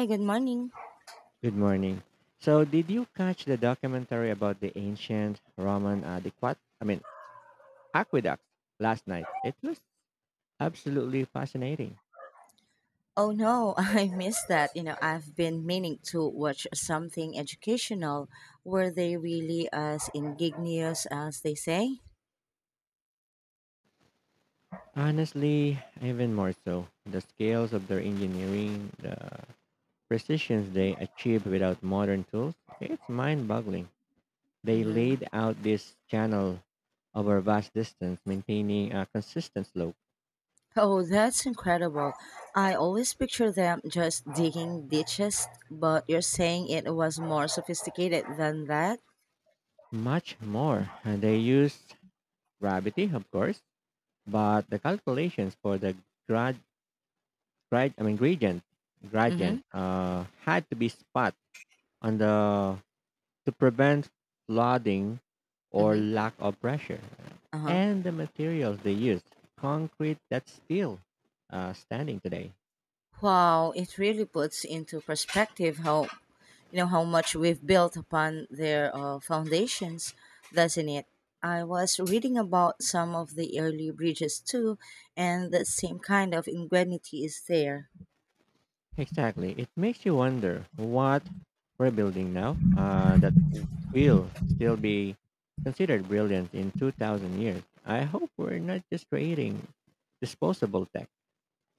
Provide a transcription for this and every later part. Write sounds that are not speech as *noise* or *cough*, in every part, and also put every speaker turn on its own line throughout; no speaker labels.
Hi, good morning.
Good morning. So, did you catch the documentary about the ancient Roman aqueducts last night. It was absolutely fascinating.
Oh no, *laughs* I missed that. You know, I've been meaning to watch something educational. Were they really as ingenious as they say?
Honestly, even more so. The scales of their engineering, the precisions they achieved without modern tools, it's mind boggling. They
Hmm
laid out this channel over vast distance, maintaining a consistent slope.
Oh, that's incredible. I always picture them just digging ditches, but you're saying it was more sophisticated than that?
Much more. And they used gravity, of course, but the calculations for the grad. Gradient gradient
Mm-hmm.
had to be spot on the to prevent flooding or
Mm-hmm.
lack of pressure,
Uh-huh.
and the materials they used, concrete that's still standing today.
Wow, it really puts into perspective how how much we've built upon their foundations, doesn't it? I was reading about some of the early bridges too, and the same kind of ingenuity is there.
Exactly, it makes you wonder what we're building now, that will still be considered brilliant in 2000 years. I hope we're not just creating disposable tech.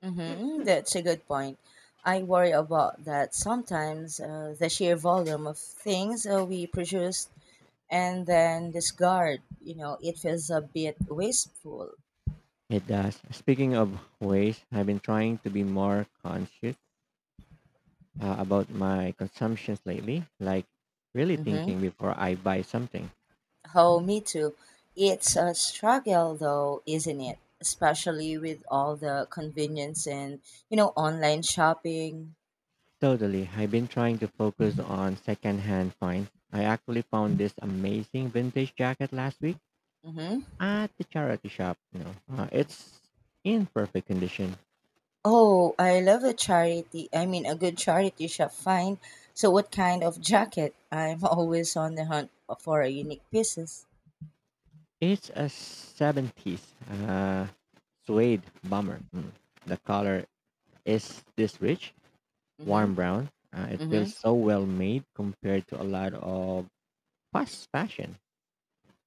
Mm-hmm, that's a good point. I worry about that sometimes, the sheer volume of things we produce and then discard, you know, it feels a bit wasteful.
It does. Speaking of waste, I've been trying to be more conscious about my consumptions lately, like really
Mhm.
thinking before I buy something.
Oh, me too. It's a struggle though, isn't it? Especially with all the convenience and, online shopping.
Totally. I've been trying to focus on secondhand finds. I actually found this amazing vintage jacket last week
Hmm
at the charity shop. You know, it's in perfect condition.
Oh, I love a good charity shop find. So, what kind of jacket? I'm *laughs* always on the hunt for a unique pieces.
It's a 70s uh, suede bomber. The color is this rich
Mm-hmm.
warm brown. It feels
Mm-hmm.
so well made compared to a lot of fast fashion.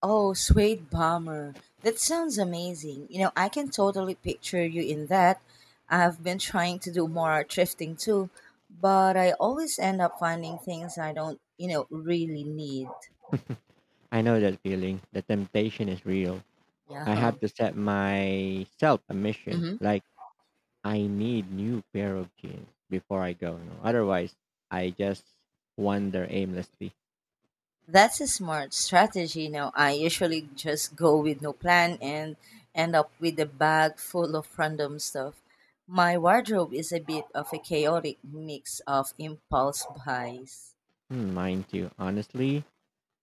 Oh, suede bomber. That sounds amazing. You know, I can totally picture you in that. I've been trying to do more thrifting too, but I always end up finding things I don't, really need.
I know that feeling. The temptation is real. I
Yeah.
have
*laughs*
to set myself a mission.
hmm
Like, I need new pair of jeans before I go. No, otherwise I just wander aimlessly.
That's a smart strategy. You know, I usually just go with no plan and end up with a bag full of random stuff. My wardrobe is a bit of a chaotic mix of impulse buys.
Mind you, honestly,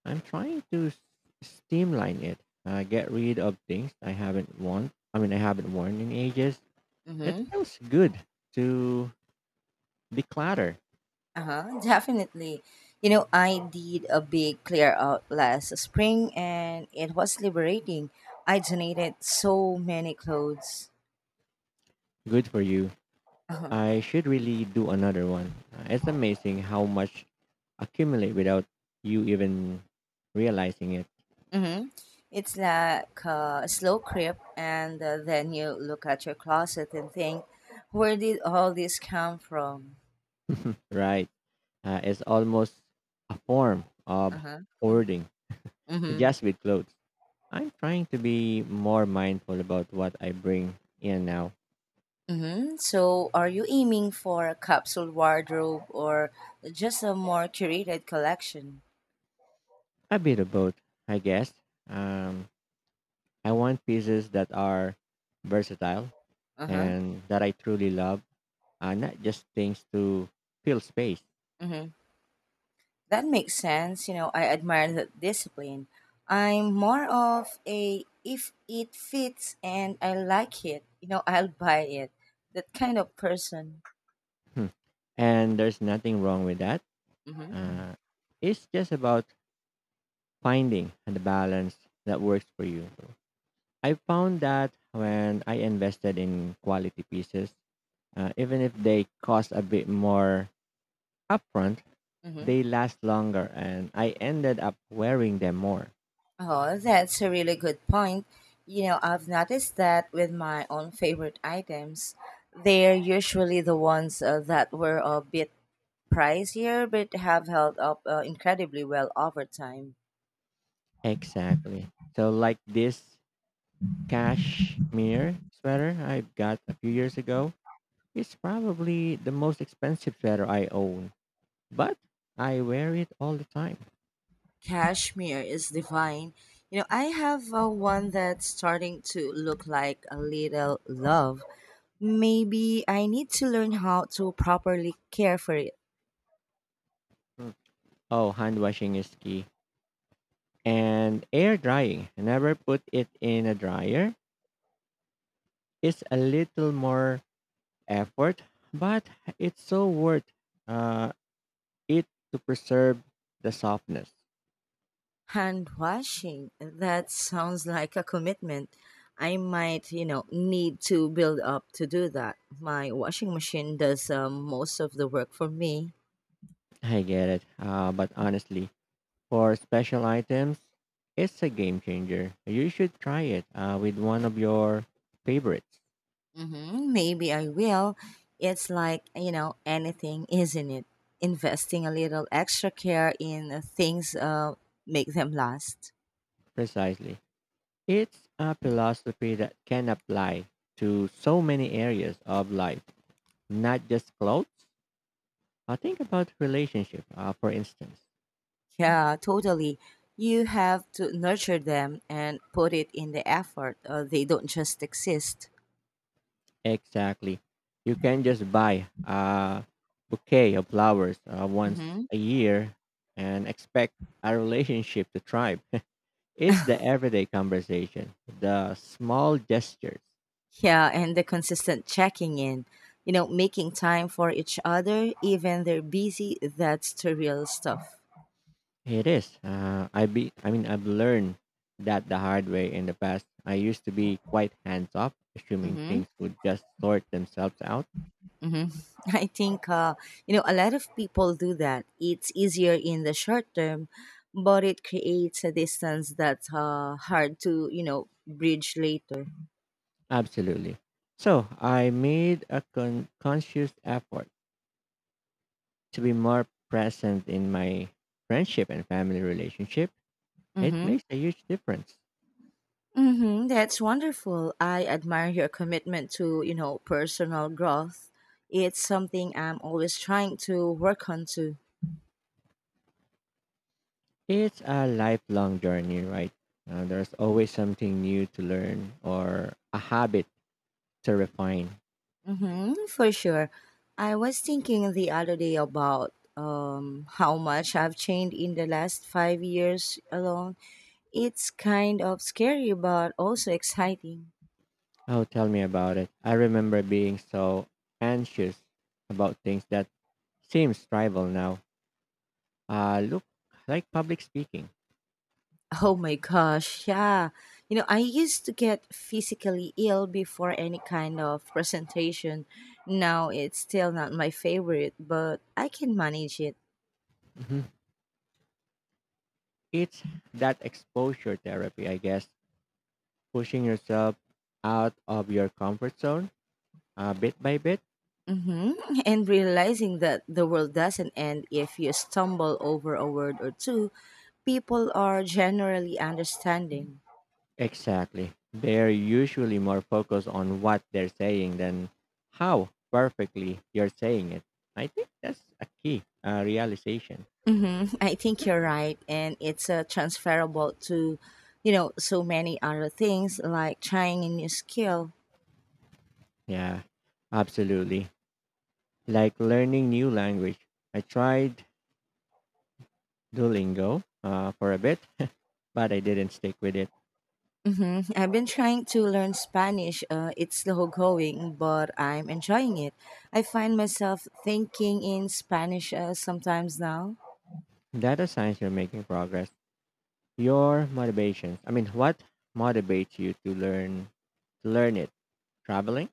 I'm trying to streamline it. Get rid of things I haven't worn in ages. It
Mm-hmm.
feels good to declutter.
Uh-huh, definitely. You know, I did a big clear out last spring and it was liberating. I donated so many clothes.
Good for you.
Uh-huh.
I should really do another one. It's amazing how much accumulate without you even realizing it,
Mm-hmm. It's like a slow creep, and then you look at your closet and think, where did all this come from?
right? It's almost a form of
Uh-huh. *laughs*
hoarding,
Mm-hmm.
just with clothes. I'm trying to be more mindful about what I bring in now.
Mm-hmm. So, are you aiming for a capsule wardrobe or just a more curated collection?
A bit of both, I guess. Um, I want pieces that are versatile
Uh
and that I truly love, not just things to fill space.
huh. That makes sense. You know, I admire that discipline. I'm more of a if it fits and I like it, I'll buy it. That kind of person.
Hmm. And there's nothing wrong with that.
Mm-hmm.
Uh, it's just about finding the balance that works for you. I found that when I invested in quality pieces, even if they cost a bit more upfront,
Mm-hmm.
they last longer and I ended up wearing them more.
Oh, that's a really good point. You know, I've noticed that with my own favorite items, they're usually the ones that were a bit pricier but have held up incredibly well over time.
Exactly. So, like this cashmere sweater I got a few years ago, it's probably the most expensive sweater I own, but I wear it all the time.
Cashmere is divine. You know, I have one that's starting to look like a little love. Maybe I need to learn how to properly care for it.
Mm. Oh, hand washing is key. And air drying. Never put it in a dryer. It's a little more effort, but it's so worth uh, it, to preserve the softness.
Hand washing, that sounds like a commitment. I might, need to build up to do that. My washing machine does most of the work for me.
I get it. But honestly, for special items, it's a game changer. You should try it with one of your favorites.
Mm-hmm, maybe I will. It's like, anything, isn't it? Investing a little extra care in things make them last.
Precisely. It's a philosophy that can apply to so many areas of life, not just clothes. I think about relationship, for instance.
Yeah, totally. You have to nurture them and put it in the effort. They don't just exist.
Exactly. You can just buy a bouquet of flowers once
Mm-hmm.
a year and expect a relationship to thrive. *laughs* It's the everyday conversation, the small gestures.
Yeah, and the consistent checking in, making time for each other, even they're busy, that's the real stuff.
It is. I be. I mean, I've learned that the hard way in the past. I used to be quite hands off, assuming
Mm-hmm.
things would just sort themselves out.
hmm *laughs* I think a lot of people do that. It's easier in the short term, but it creates a distance that's hard to bridge later.
Absolutely. So I made a conscious effort to be more present in my friendship and family relationship. It
Mm-hmm.
makes a huge difference.
Mm-hmm. That's wonderful. I admire your commitment to personal growth. It's something I'm always trying to work on too.
It's a lifelong journey, right? There's always something new to learn or a habit to refine.
Mm-hmm, for sure. I was thinking the other day about how much I've changed in the last 5 years alone. It's kind of scary, but also exciting. *laughs*
Oh, tell me about it. I remember being so anxious about things that seems trivial now. Look, like public speaking.
Oh my gosh, yeah. You know, I used to get physically ill before any kind of presentation. Now it's still not my favorite, but I can manage it.
Hmm. It's that exposure therapy, I guess, pushing yourself out of your comfort zone bit by bit.
Mm-hmm. And realizing that the world doesn't end if you stumble over a word or two, people are generally understanding.
Exactly. They're usually more focused on what they're saying than how perfectly you're saying it. I think that's a key realization.
Mm-hmm. I think you're right. And it's transferable to, so many other things like trying a new skill.
Yeah, absolutely. Like learning new language. I tried Duolingo for a bit, but I didn't stick with it.
Mm-hmm. I've been trying to learn Spanish. It's slow going, but I'm enjoying it. I find myself thinking in Spanish sometimes now.
Data signs you're making progress. Your motivations. I mean, what motivates you to learn it? Traveling.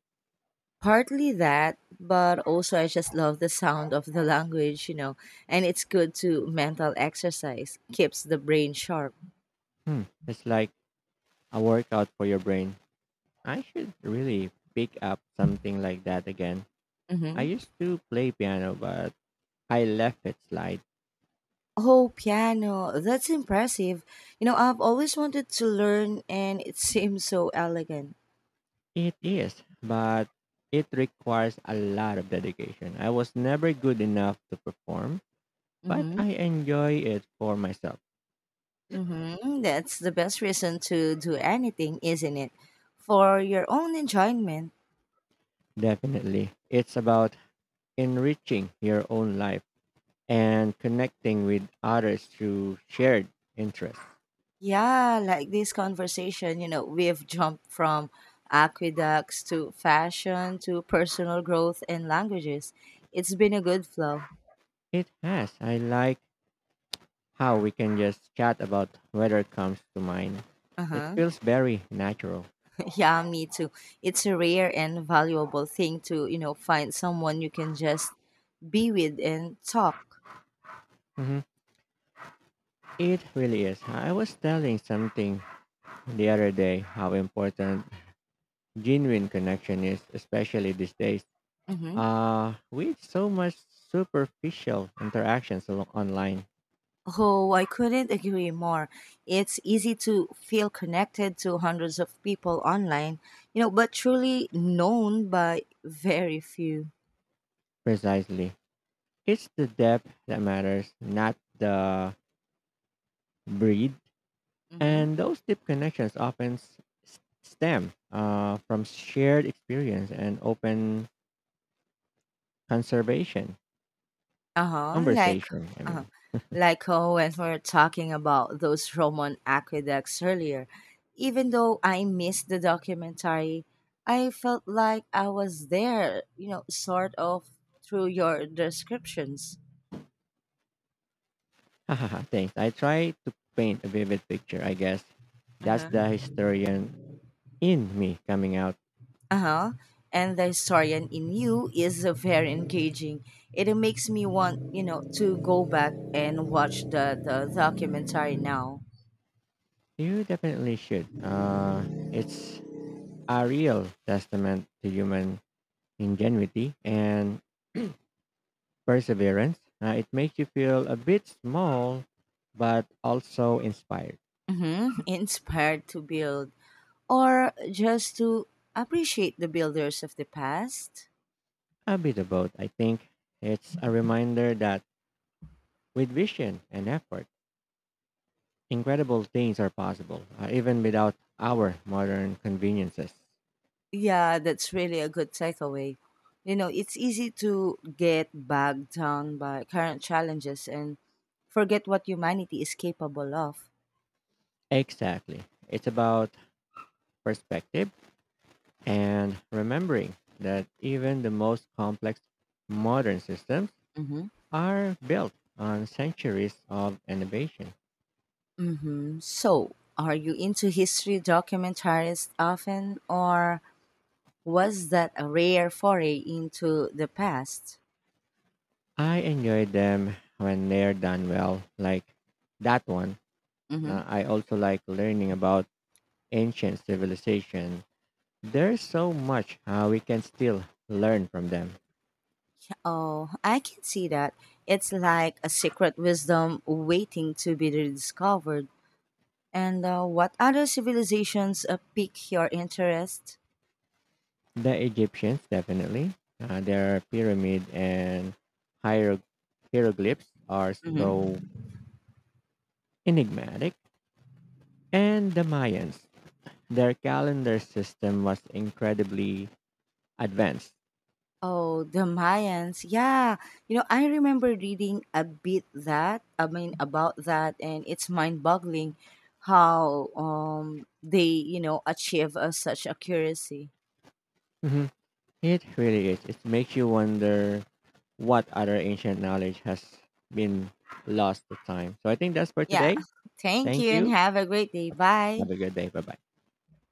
Partly that, but also I just love the sound of the *laughs* language, and it's good to mental exercise, keeps the brain sharp.
Hmm. It's like a workout for your brain. I should really pick up something like that again. I
Hmm
used to play piano, but I left it slide.
Oh, piano, that's impressive. You know, I've always wanted to learn and it *laughs* seems so elegant.
It is, but it requires a lot of dedication. I was never good enough to perform, but
Mm-hmm.
I enjoy it for myself.
Mm-hmm. That's the best reason to do anything, isn't it? For your own enjoyment.
Definitely. It's about enriching your own life and connecting with others through shared interests.
Yeah, like this conversation, we've jumped from aqueducts to fashion to personal growth and languages. It's been a good flow.
It has. I like how we can just chat about whatever comes to mind. It
Uh-huh.
feels
*laughs*
very natural.
Yeah, me too. It's a rare and valuable thing to, find someone you can just be with and talk.
Mhm. It really is. I was telling something the other day how important genuine connection is, especially these days
Mm-hmm.
with so much superficial interactions online.
Oh, I couldn't agree more. It's easy to feel connected to hundreds of people online, but truly known by very few.
Precisely. It's the depth that matters, not the breed.
Mhm.
And those deep connections often stem from shared experience and open conservation
Uh-huh. Like
conversation.
uh when we were talking about those Roman aqueducts earlier, even though I missed the documentary, I felt like I was there, sort of through your descriptions.
*laughs* Hahaha, thanks. I try to paint a vivid picture. I guess that's
Uh-huh.
the historian in me coming out.
Uh-huh. And the historian in you is very engaging. It makes me want, to go back and watch the documentary now.
You definitely should. It's a real testament to human ingenuity and perseverance. It makes you feel a bit small, but also inspired.
Mm-hmm. *laughs* Inspired to build. Or just to appreciate the builders of the past.
A bit of both, I think. It's a reminder that with vision and effort, incredible things are possible, even without our modern conveniences.
Yeah, that's really a good takeaway. You know, it's easy to get bogged down by current challenges and forget what humanity is capable of.
Exactly. It's about perspective and remembering that even the most complex modern systems
Mm-hmm.
are built on centuries of innovation.
Mm-hmm. So, are you into history documentaries often, or was that a rare foray into the past?
I enjoy them when they're done well, like that one.
Mm-hmm.
Now, I also like learning about ancient civilization. There's so much we can still learn from them.
Oh, I can see that. It's like a secret wisdom waiting to be discovered. And what other civilizations pique your interest?
The Egyptians, definitely. Their pyramid and hiero- hieroglyphs are so
Hmm
enigmatic. And the Mayans, their calendar system was incredibly advanced.
Oh, the Mayans. Yeah. You know, I remember reading a bit about that, and it's mind boggling how they, achieve such accuracy.
Mhm. It really is. It makes you wonder what other ancient knowledge has been lost to time. So I think that's for
Yeah.
today.
*laughs* Thank
Thank
you and
you.
have a great day. Bye.
Have a good day. Bye bye.